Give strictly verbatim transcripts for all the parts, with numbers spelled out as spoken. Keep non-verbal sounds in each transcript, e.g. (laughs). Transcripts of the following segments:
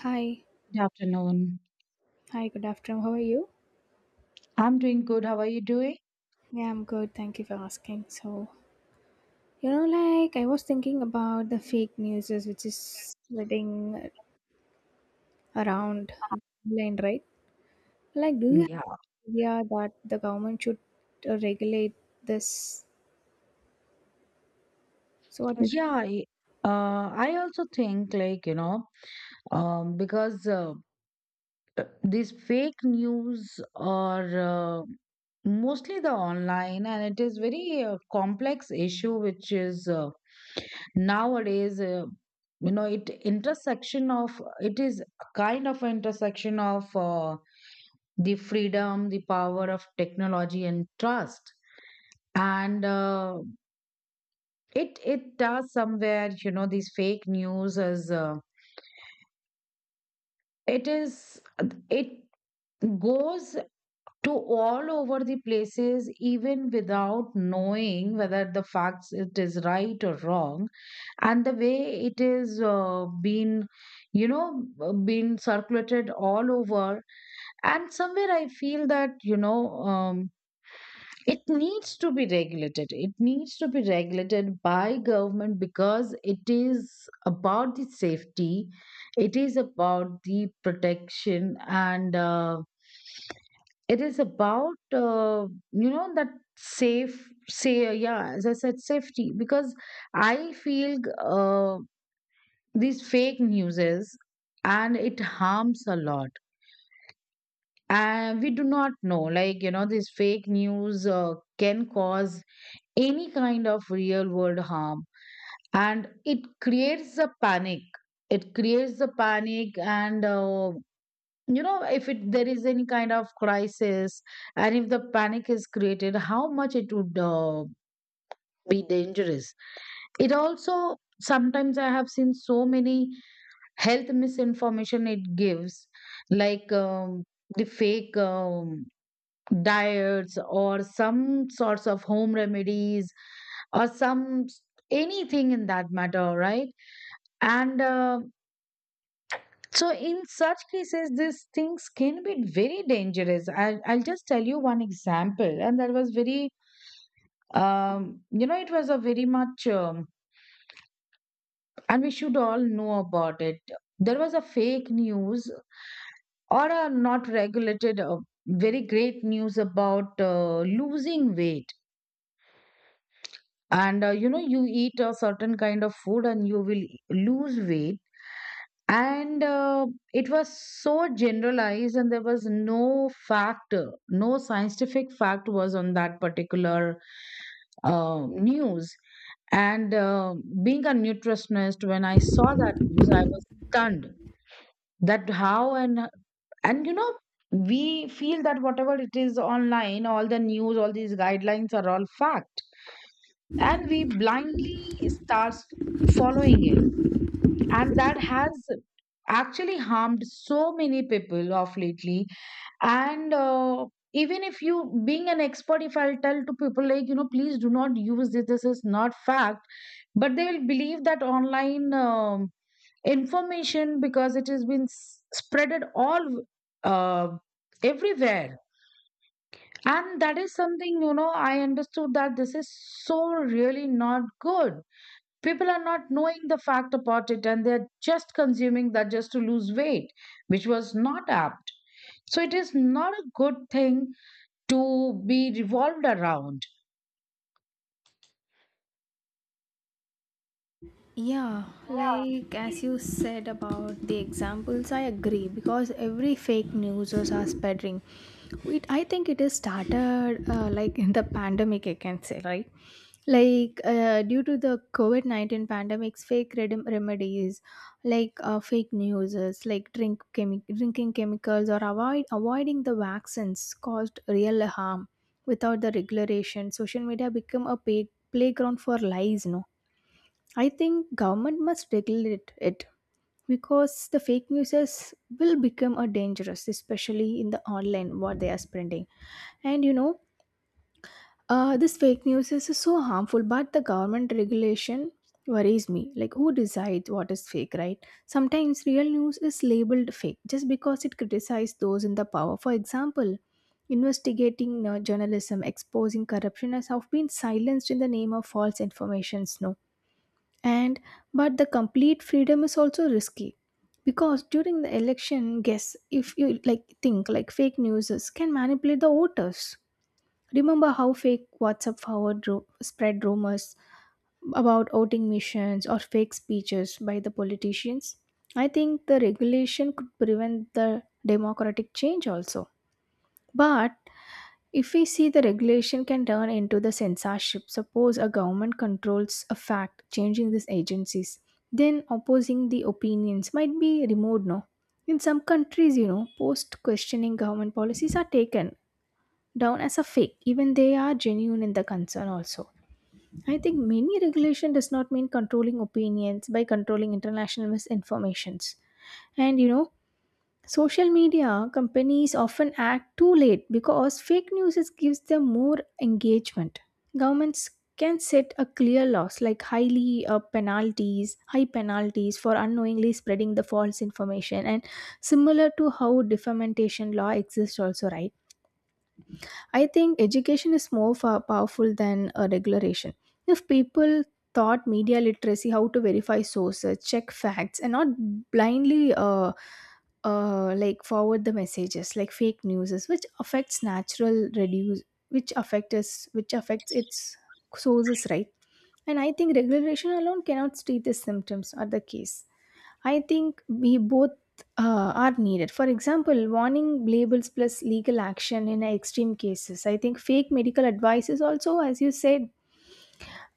Hi, Good afternoon. hi, good afternoon. How are you? I'm doing good. How are you doing? Yeah, I'm good. Thank you for asking. So, you know, like I was thinking about the fake news which is spreading around online, right? Like, do you have Yeah. an idea that the government should uh, regulate this? So, what is. Yeah, I, uh, I also think, like, you know, um, because uh, uh, these fake news are uh, mostly the online, and it is very uh, complex issue which is uh, nowadays uh, you know it intersection of it is kind of an intersection of uh, the freedom, the power of technology and trust, and uh, it it does somewhere, you know these fake news is uh, it is it goes to all over the places, even without knowing whether the facts it is right or wrong, and the way it is uh, been you know uh, been circulated all over. And somewhere I feel that, you know um, it needs to be regulated, it needs to be regulated by government, because it is about the safety, it is about the protection, and uh, it is about, uh, you know that, safe say yeah, as I said, safety. Because I feel uh, these fake newses, and it harms a lot. And we do not know, like, you know these fake news uh, can cause any kind of real world harm. And it creates a panic, it creates the panic. And uh, you know if it there is any kind of crisis, and if the panic is created, how much it would uh, be dangerous. It also sometimes, I have seen so many health misinformation it gives, like, um, the fake, um, diets or some sorts of home remedies, or some s- anything in that matter, right? And uh, so, in such cases, these things can be very dangerous. I'll, I'll just tell you one example. And that was very, um, you know, it was a very much, um, and we should all know about it. There was a fake news, or a not regulated, uh, very great news about uh, losing weight. And uh, you know you eat a certain kind of food and you will lose weight. And uh, it was so generalized, and there was no fact, no scientific fact was on that particular uh, news. And uh, being a nutritionist, when I saw that news I was stunned, that how, and and you know we feel that whatever it is online, all the news, all these guidelines are all fact. And we blindly start following it, and that has actually harmed so many people of lately. And uh, even if you being an expert, if I'll tell to people, like, you know please do not use this, this is not fact. But they will believe that online um, information, because it has been s- spreaded all, uh, everywhere. And that is something, you know I understood that this is so really not good. People are not knowing the fact about it, and they're just consuming that just to lose weight, which was not apt. So it is not a good thing to be revolved around. Yeah, like as you said about the examples, I agree because every fake news is are spreading. It, I think it is started uh, like in the pandemic, I can say, right? Like uh, due to the COVID 19 pandemics, fake redem remedies like uh, fake news, like drink chemi- drinking chemicals or avoid avoiding the vaccines caused real harm. Without the regulation, social media become a pay- playground for lies, no? I think government must regulate it because the fake news will become a dangerous, especially in the online what they are spreading. And you know, uh, this fake news is so harmful, but the government regulation worries me. Like, who decides what is fake, right? Sometimes real news is labeled fake just because it criticizes those in the power. For example, investigating uh, journalism exposing corruption has have been silenced in the name of false informations. No, and but the complete freedom is also risky because during the election guess if you like think like fake news is- can manipulate the voters. Remember how fake WhatsApp forward ru- spread rumors about voting missions or fake speeches by the politicians. I think the regulation could prevent the democratic change also, but if we see, the regulation can turn into the censorship. Suppose a government controls a fact, changing these agencies, then opposing the opinions might be removed. No, in some countries, you know, post questioning government policies are taken down as a fake, even they are genuine in the concern. Also, I think many regulation does not mean controlling opinions by controlling international misinformations. And you know social media companies often act too late because fake news is- gives them more engagement. Governments can set a clear laws like highly uh, penalties, high penalties for unknowingly spreading the false information, and similar to how defamation law exists also, right? I think education is more fa- powerful than a regulation. If people taught media literacy how to verify sources, check facts, and not blindly uh, uh, like forward the messages like fake news, is, which affects natural reduce, which affect us, which affects its sources, right? And I think regulation alone cannot treat the symptoms or the case. I think we both uh, are needed. For example, warning labels plus legal action in extreme cases. I think fake medical advice is also, as you said,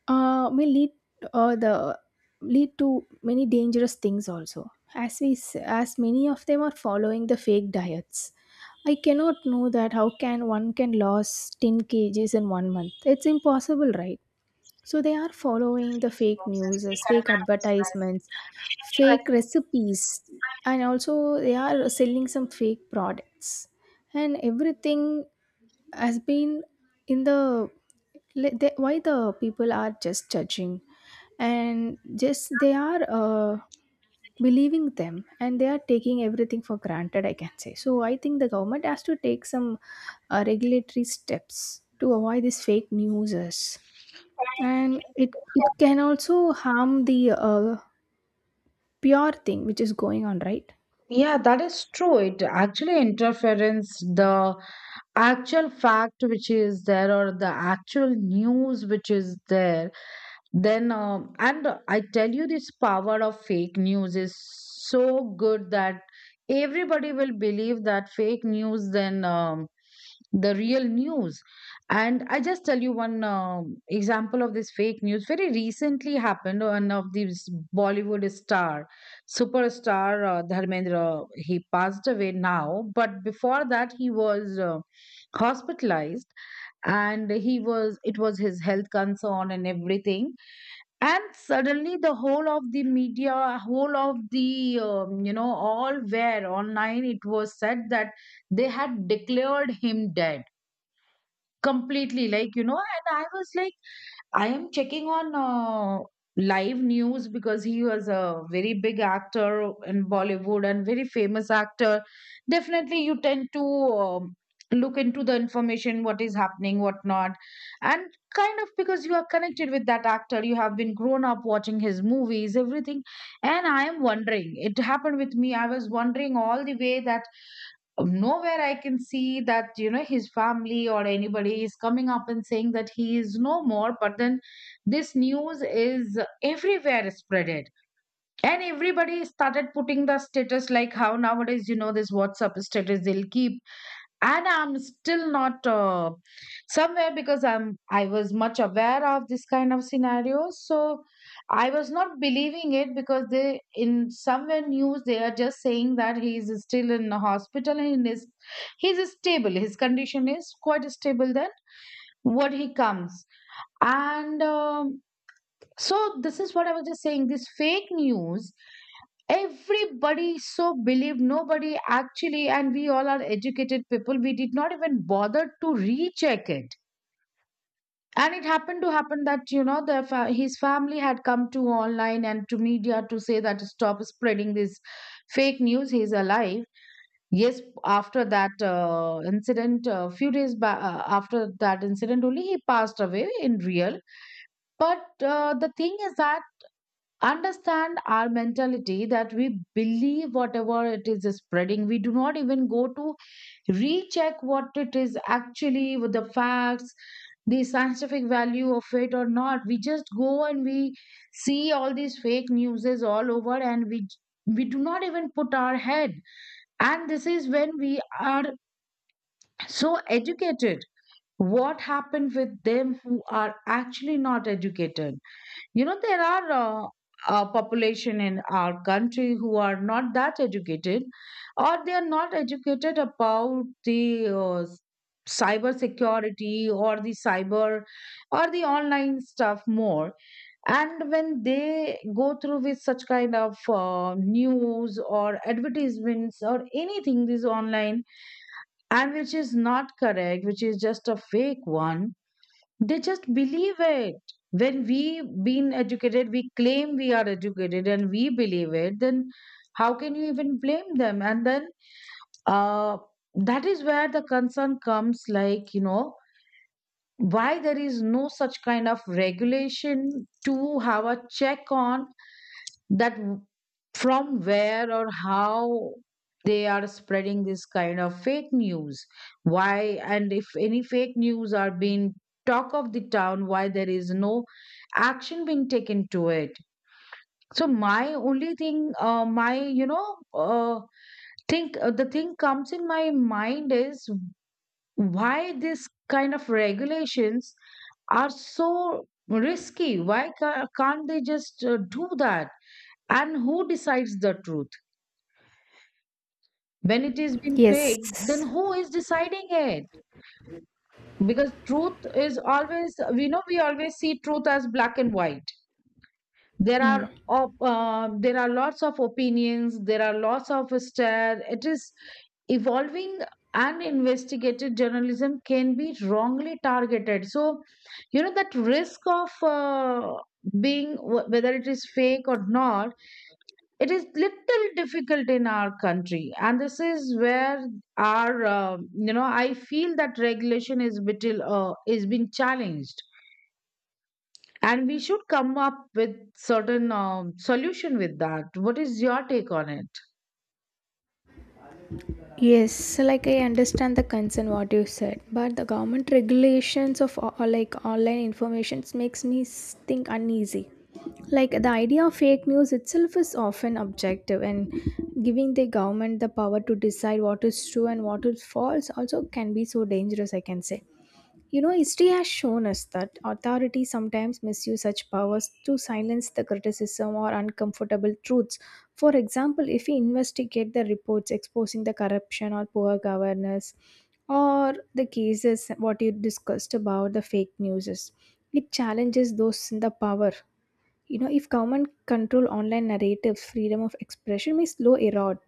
uh, may lead uh, the lead to many dangerous things also. As we s- as many of them are following the fake diets. I cannot know that how can one can lose ten kgs in one month. It's impossible, right? So they are following the fake news, fake advertisements, fake recipes, and also they are selling some fake products. And everything has been in the le- they, why the people are just judging, and just they are uh, believing them and they are taking everything for granted, I can say. So I think the government has to take some uh, regulatory steps to avoid these fake news, and it it can also harm the uh, pure thing which is going on, right? Yeah, that is true. It actually interferes the actual fact which is there, or the actual news which is there. Then um, and I tell you, this power of fake news is so good that everybody will believe that fake news, then um, the real news. And I just tell you one um example of this fake news. Very recently happened one of these Bollywood star, superstar, uh, Dharmendra. He passed away now, but before that he was uh, hospitalized. And he was it was his health concern and everything. And suddenly the whole of the media, whole of the, um, you know all where online, it was said that they had declared him dead completely, like, you know and I was like, I am checking on uh, live news, because he was a very big actor in Bollywood, and very famous actor. Definitely you tend to um, look into the information, what is happening, what not. And kind of, because you are connected with that actor, you have been grown up watching his movies, everything. And I am wondering, it happened with me, I was wondering all the way that nowhere I can see that, you know, his family or anybody is coming up and saying that he is no more. But then this news is everywhere spreaded. And everybody started putting the status, like how nowadays, you know, this WhatsApp status, they'll keep. And I'm still not, uh, somewhere, because i'm i was much aware of this kind of scenario, so I was not believing it, because they in somewhere news they are just saying that he is still in the hospital and he is he's stable, his condition is quite stable. Then what he comes. And um, so, this is what I was just saying, this fake news everybody so believed, nobody actually, and we all are educated people, we did not even bother to recheck it. And it happened to happen that, you know the fa- his family had come to online and to media to say that stop spreading this fake news, he's alive. Yes, after that uh, incident, a few days ba- uh, after that incident only, he passed away in real. But uh, the thing is that, understand our mentality, that we believe whatever it is spreading, we do not even go to recheck what it is actually with the facts, the scientific value of it or not. We just go, and we see all these fake newses all over, and we we do not even put our head. And this is when we are so educated, what happened with them who are actually not educated. You know, there are uh, a population in our country who are not that educated, or they are not educated about the uh, s- cyber security, or the cyber or the online stuff more. And when they go through with such kind of uh, news or advertisements or anything, this online, and which is not correct, which is just a fake one, they just believe it. When we been educated, we claim we are educated and we believe it, then how can you even blame them? And then uh, that is where the concern comes, like, you know, why there is no such kind of regulation to have a check on that, w- from where or how they are spreading this kind of fake news. Why, and if any fake news are being talk of the town, why there is no action being taken to it? So my only thing, uh, my, you know uh, think, uh, the thing comes in my mind is, why this kind of regulations are so risky, why ca- can't they just uh, do that. And who decides the truth? When it is being Yes. fake, then who is deciding it? Because truth is always, we know, we always see truth as black and white. There Mm. are op- uh, there are lots of opinions. There are lots of stare. It is evolving, and investigative journalism can be wrongly targeted. So, you know that risk of uh, being wh- whether it is fake or not, it is little difficult in our country, and this is where our, um you know I feel that regulation is little, uh, is being challenged. And we should come up with certain, um, solution with that. What is your take on it? Yes, so like I understand the concern what you said, but the government regulations of o- or like online informations makes me s- think uneasy. Like the idea of fake news itself is often objective, and giving the government the power to decide what is true and what is false also can be so dangerous, I can say. You know, history has shown us that authorities sometimes misuse such powers to silence the criticism or uncomfortable truths. For example, if we investigate the reports exposing the corruption or poor governance, or the cases what you discussed about the fake news, is, it challenges those in the power. You know, if government control online narratives, freedom of expression may slow erode.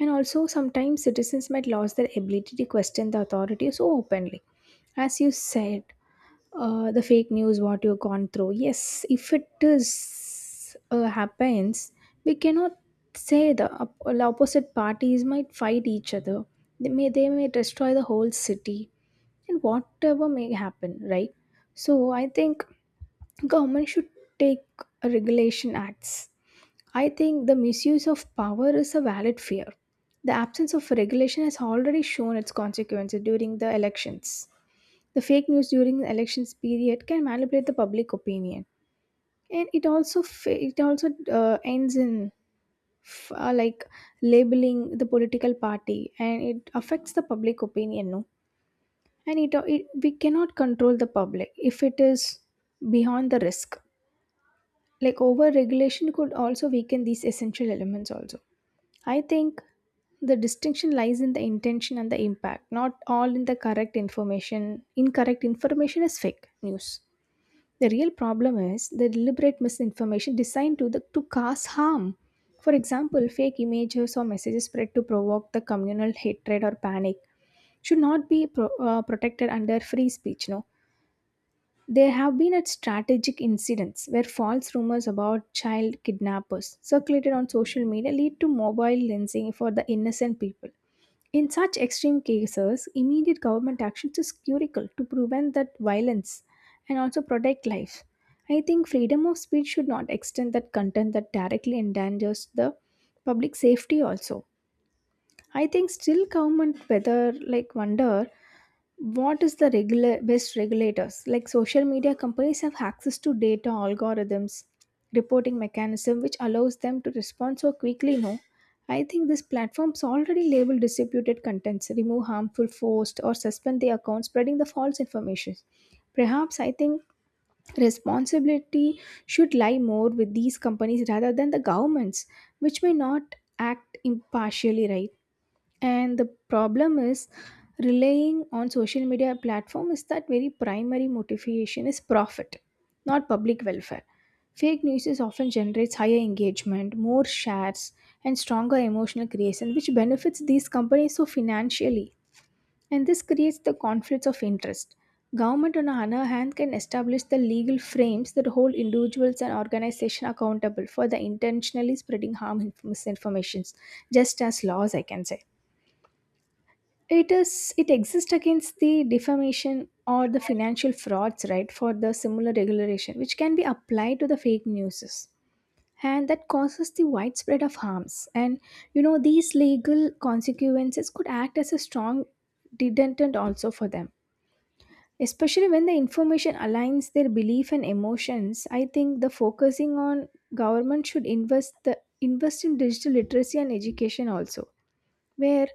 And also, sometimes citizens might lose their ability to question the authority so openly. As you said, uh, the fake news what you've gone through, yes, if it is uh, happens, we cannot say. The, op- the opposite parties might fight each other, they may they may destroy the whole city and whatever may happen, right? So I think government should take regulation acts. I think the misuse of power is a valid fear. The absence of regulation has already shown its consequences during the elections. The fake news during the elections period can manipulate the public opinion, and it also fa- it also uh, ends in f- uh, like labeling the political party, and it affects the public opinion. No, and it, it we cannot control the public if it is beyond the risk. Like over regulation could also weaken these essential elements. Also, I think the distinction lies in the intention and the impact. Not all in the correct information. Incorrect information is fake news. The real problem is the deliberate misinformation designed to, the, to cause harm. For example, fake images or messages spread to provoke the communal hatred or panic should not be pro- uh, protected under free speech. No, there have been at strategic incidents where false rumors about child kidnappers circulated on social media lead to mobile lensing for the innocent people. In such extreme cases, immediate government action is critical to prevent that violence and also protect life. I think freedom of speech should not extend that content that directly endangers the public safety also. I think still government whether like wonder what is the regular best regulators, like social media companies have access to data algorithms reporting mechanism which allows them to respond so quickly, no? I think these platforms already label distributed contents, remove harmful posts, or suspend the account spreading the false information. Perhaps I think responsibility should lie more with these companies rather than the governments, which may not act impartially, right? And the problem is, relying on social media platform is that very primary motivation is profit, not public welfare. Fake news is often generates higher engagement, more shares, and stronger emotional creation, which benefits these companies so financially. And this creates the conflicts of interest. Government, on the other hand, can establish the legal frames that hold individuals and organizations accountable for the intentionally spreading harm inf- misinformations, just as laws, I can say, it is it exists against the defamation or the financial frauds, right? For the similar regulation which can be applied to the fake news, and that causes the widespread of harms. And you know these legal consequences could act as a strong deterrent also for them, especially when the information aligns their belief and emotions. I think the focusing on government should invest the invest in digital literacy and education also, where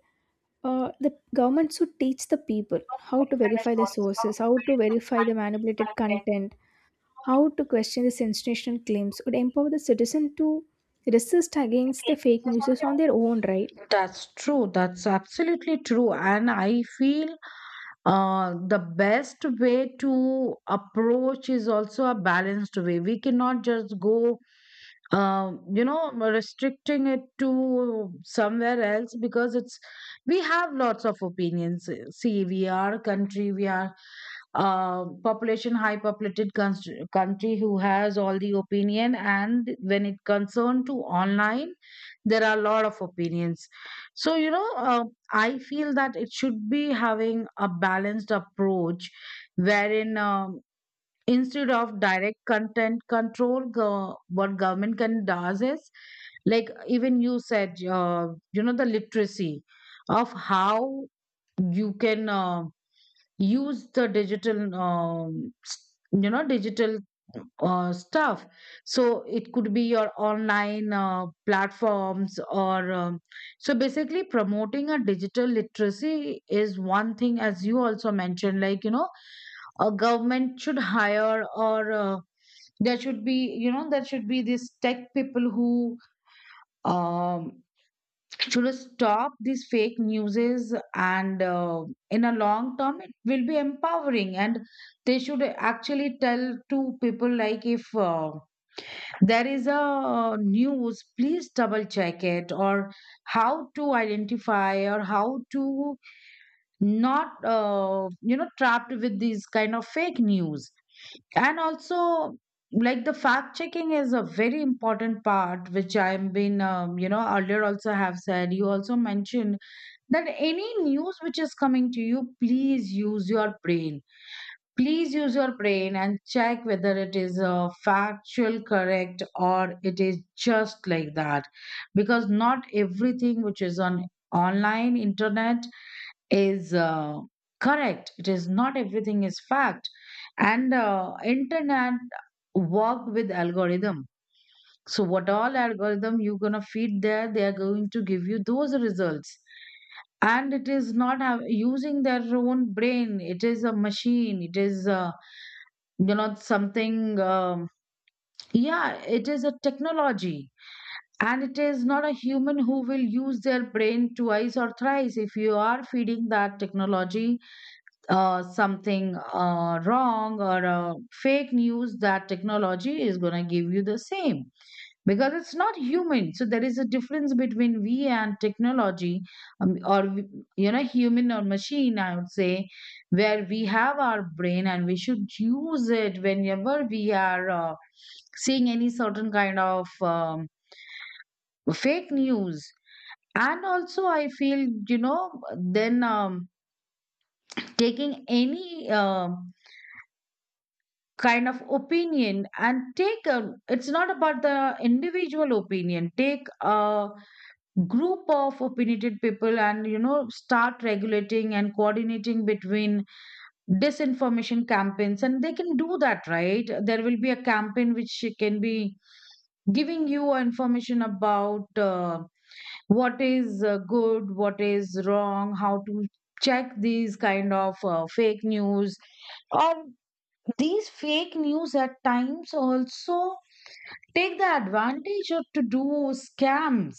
uh, the government should teach the people how to verify the sources, how to verify the manipulated content, how to question the sensational claims, would empower the citizen to resist against the fake news on their own, right? That's true, that's absolutely true. And I feel uh, the best way to approach is also a balanced way. We cannot just go, um, you know, restricting it to somewhere else, because it's, we have lots of opinions. See, we are a country, we are a population, high populated cons- country, who has all the opinion. And when it concerned to online, there are a lot of opinions. So, you know, uh, I feel that it should be having a balanced approach wherein um instead of direct content control go, what government can does is like even you said uh, you know the literacy of how you can uh, use the digital um, s- you know digital uh, stuff, so it could be your online uh, platforms or um, so basically promoting a digital literacy is one thing, as you also mentioned, like, you know, a government should hire, or uh, there should be, you know, there should be these tech people who um should stop these fake newses. And uh, in a long term it will be empowering, and they should actually tell to people like, if uh, there is a news, please double check it, or how to identify, or how to not uh, you know trapped with these kind of fake news. And also, like, the fact checking is a very important part, which I've been, um, you know, earlier also have said, you also mentioned, that any news which is coming to you, please use your brain, please use your brain, and check whether it is uh, factual correct or it is just like that. Because not everything which is on online internet is uh, correct. It is not, everything is fact. And uh, internet work with algorithm, so what all algorithm you're going to feed there, they are going to give you those results. And it is not have, using their own brain, it is a machine, it is uh, you know something um, yeah, it is a technology. And it is not a human who will use their brain twice or thrice. If you are feeding that technology uh, something uh, wrong, or uh, fake news, that technology is going to give you the same, because it's not human. So there is a difference between we and technology, um, or we- you know, human or machine. I would say where we have our brain, and we should use it whenever we are uh, seeing any certain kind of um, fake news. And also, I feel, you know, then um, taking any um kind of opinion and take a, it's not about the individual opinion, take a group of opinionated people and, you know, start regulating and coordinating between disinformation campaigns, and they can do that, right? There will be a campaign which can be giving you information about uh, what is uh, good, what is wrong, how to check these kind of uh, fake news. Or these fake news at times also take the advantage of to do scams.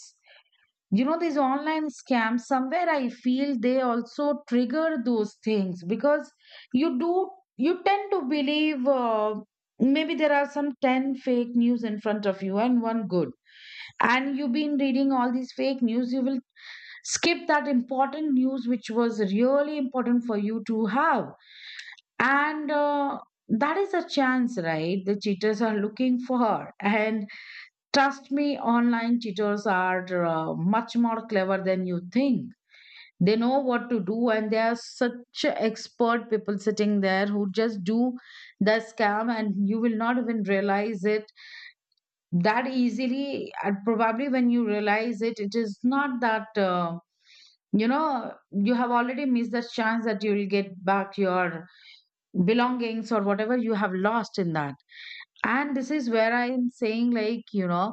You know, these online scams, somewhere I feel they also trigger those things, because you do, you tend to believe, uh, maybe there are some ten fake news in front of you and one good. And you've been reading all these fake news, you will skip that important news which was really important for you to have. And uh, that is a chance, right? The cheaters are looking for. And trust me, online cheaters are uh, much more clever than you think. They know what to do, and they are such expert people sitting there who just do the scam, and you will not even realize it that easily. And probably when you realize it, it is not that, uh, you know, you have already missed the chance that you will get back your belongings or whatever you have lost in that. And this is where I am saying, like, you know,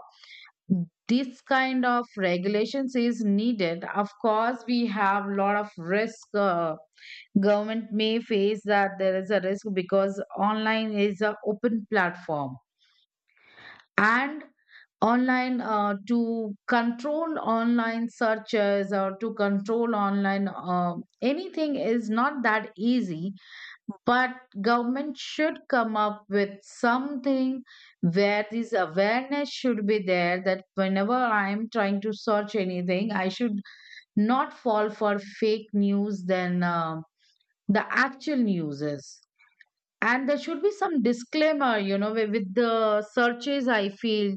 this kind of regulations is needed. Of course, we have a lot of risk. Uh, government may face that there is a risk, because online is an open platform, and online, uh, to control online searches or to control online uh, anything is not that easy. But government should come up with something, where this awareness should be there, that whenever I am trying to search anything, I should not fall for fake news than uh, the actual news is. And there should be some disclaimer, you know, wi- with the searches, I feel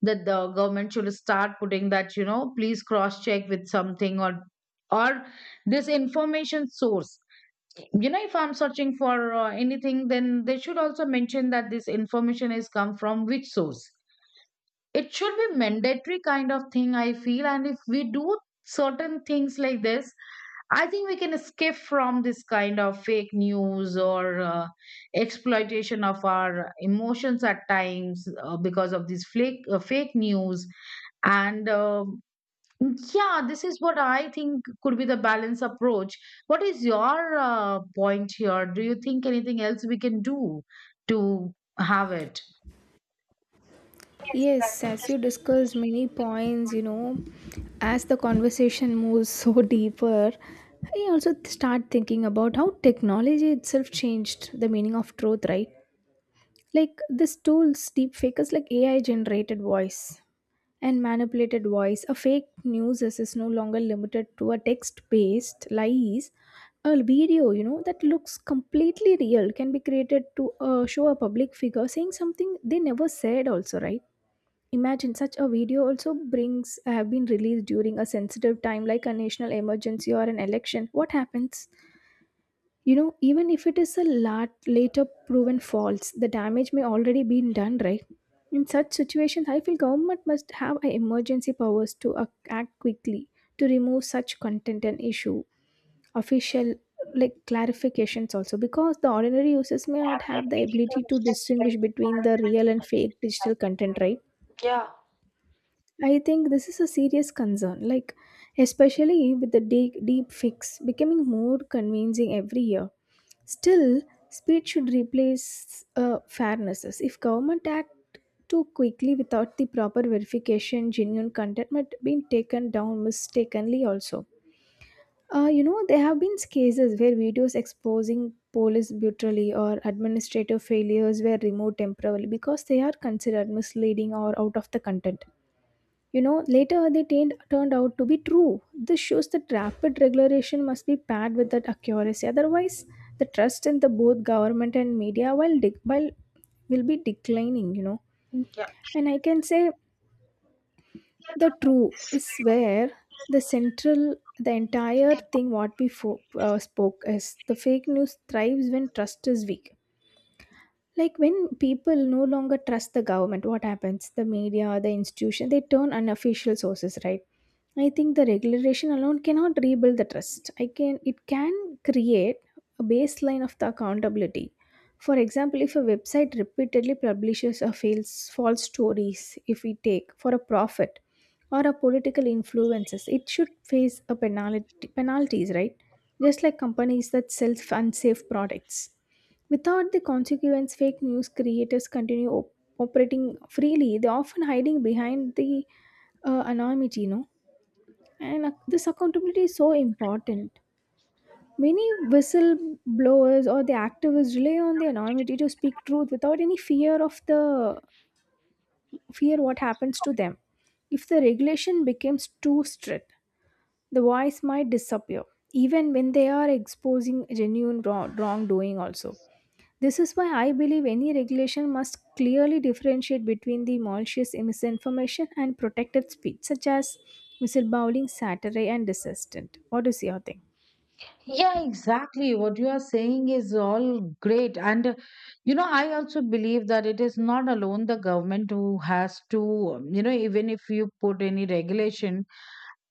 that the government should start putting that, you know, please cross check with something, or or this information source, you know, if I'm searching for uh, anything, then they should also mention that this information is come from which source. It should be mandatory kind of thing, I feel, and if we do certain things like this, I think we can escape from this kind of fake news or uh, exploitation of our emotions at times, uh, because of this flake, uh, fake news. And uh, Yeah, this is what I think could be the balance approach. What is your uh, point here? Do you think anything else we can do to have it? Yes, that Yes, as is. you discussed many points, you know, as the conversation moves so (laughs) deeper, I also start thinking about how technology itself changed the meaning of truth, right? Like these tools, deep fakers like A I generated voice, and manipulated voice. A fake news is, is no longer limited to a text based lies. A video, you know, that looks completely real can be created to uh, show a public figure saying something they never said, also, right? Imagine such a video also brings have been released during a sensitive time like a national emergency or an election. What happens? You know, even if it is a lat- later proven false, the damage may already been done, right? In such situations, I feel government must have a emergency powers to ac- act quickly to remove such content and issue official like clarifications also, because the ordinary users may not have the ability to distinguish between the real and fake digital content, right? I think this is a serious concern, like especially with the deep, deep fix becoming more convincing every year. Still, speed should replace uh, fairnesses. If government act too quickly without the proper verification, genuine content might be taken down mistakenly also. Uh, you know, there have been cases where videos exposing police brutality or administrative failures were removed temporarily because they are considered misleading or out of the content. You know, later they turned, turned out to be true. This shows that rapid regulation must be paired with that accuracy. Otherwise, the trust in the both government and media while, dec while will be declining, you know. Yeah, And I can say the true is where the central, the entire thing what we fo- uh, spoke is, the fake news thrives when trust is weak. Like when people no longer trust the government, what happens? The media, the institution, they turn unofficial sources, right? I think the regulation alone cannot rebuild the trust. I can It can create a baseline of the accountability. For example, if a website repeatedly publishes a false false stories, if we take for a profit or a political influences, it should face a penalty penalties, right? Just like companies that sell unsafe products. Without the consequence, fake news creators continue op- operating freely. They're often hiding behind the uh, anonymity, you know. And ac- this accountability is so important. Many whistleblowers or the activists rely on the anonymity to speak truth without any fear of the fear what happens to them. If the regulation becomes too strict, the voice might disappear, even when they are exposing genuine wrong- wrongdoing also. This is why I believe any regulation must clearly differentiate between the malicious misinformation and protected speech, such as whistleblowing, satire, and dissent. What is your thing? yeah, exactly. What you are saying is all great. And, uh, you know, I also believe that it is not alone the government who has to, um, you know, even if you put any regulation.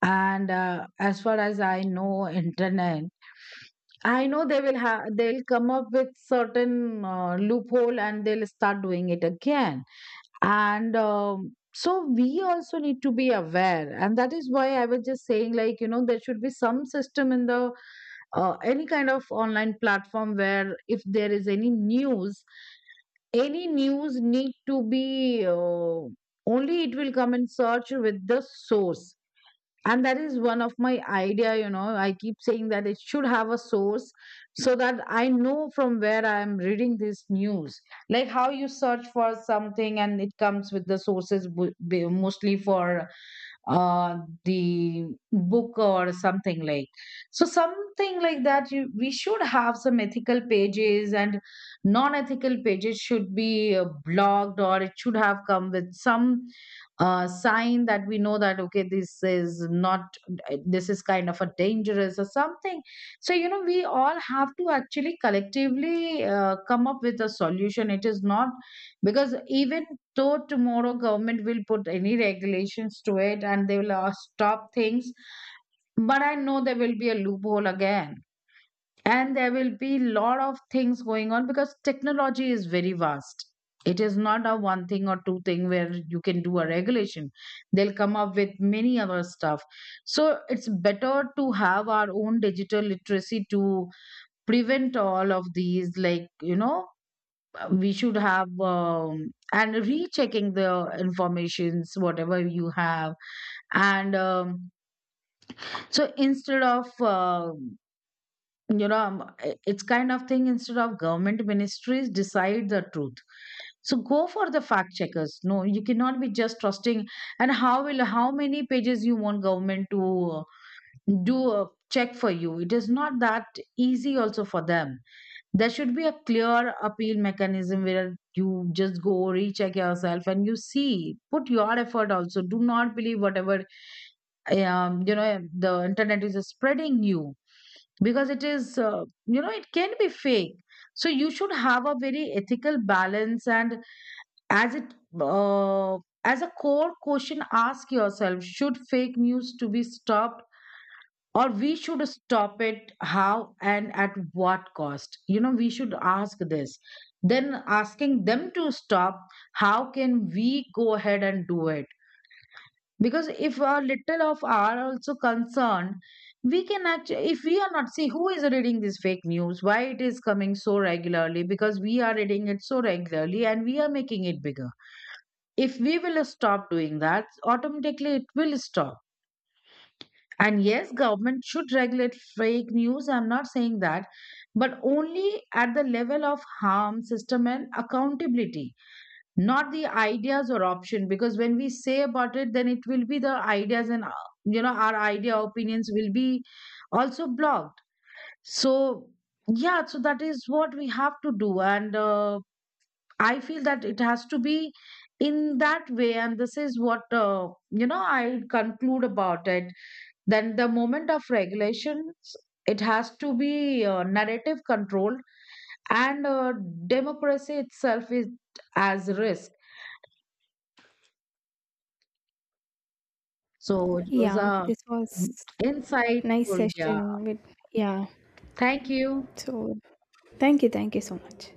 And uh, as far as I know, internet, I know they will have, they'll come up with certain uh, loophole and they'll start doing it again. And um, so we also need to be aware, and that is why I was just saying, like, you know, there should be some system in the uh, any kind of online platform where if there is any news, any news need to be uh, only it will come in search with the source. And that is one of my idea, you know, I keep saying that it should have a source, so that I know from where I am reading this news. Like how you search for something and it comes with the sources, bu- be- mostly for uh the book or something like, so something like that, you, we should have some ethical pages, and non-ethical pages should be uh, blocked, or it should have come with some uh, sign that we know that, okay, this is not, this is kind of a dangerous or something. So, you know, we all have to actually collectively uh, come up with a solution. It is not, because even, so tomorrow government will put any regulations to it, and they will uh, stop things. But I know there will be a loophole again. And there will be lot of things going on, because technology is very vast. It is not a one thing or two thing where you can do a regulation. They'll come up with many other stuff. So it's better to have our own digital literacy to prevent all of these, like, you know, uh, we should have, um, and rechecking the informations whatever you have. And um, so instead of um you know um, I- it's kind of thing, instead of government ministries decide the truth, so go for the fact checkers. No, you cannot be just trusting. And how will, how many pages you want government to uh, do a check for you? It is not that easy also for them. There should be a clear appeal mechanism where you just go recheck yourself, and you see, put your effort also. Do not believe whatever, um, you know, the internet is spreading you, because it is, uh, you know, it can be fake. So you should have a very ethical balance. And as it, uh, as a core question, ask yourself: should fake news to be stopped? Or we should stop it, how and at what cost, you know, we should ask this, then asking them to stop, how can we go ahead and do it? Because if a little of our also concerned, we can actually, if we are not, see who is reading this fake news, why it is coming so regularly, because we are reading it so regularly and we are making it bigger. If we will stop doing that, automatically it will stop. And yes, government should regulate fake news, I'm not saying that, but only at the level of harm, system, and accountability, not the ideas or option. Because when we say about it, then it will be the ideas, and uh, you know, our idea, opinions will be also blocked. So yeah, so that is what we have to do, and uh, I feel that it has to be in that way. And this is what, uh, you know, I conclude about it. Then the moment of regulations, it has to be uh, narrative controlled, and uh, democracy itself is as risk. So it was Yeah, a, this was mm, nice insightful, yeah. session with, yeah. Thank you. So Thank you, thank you so much.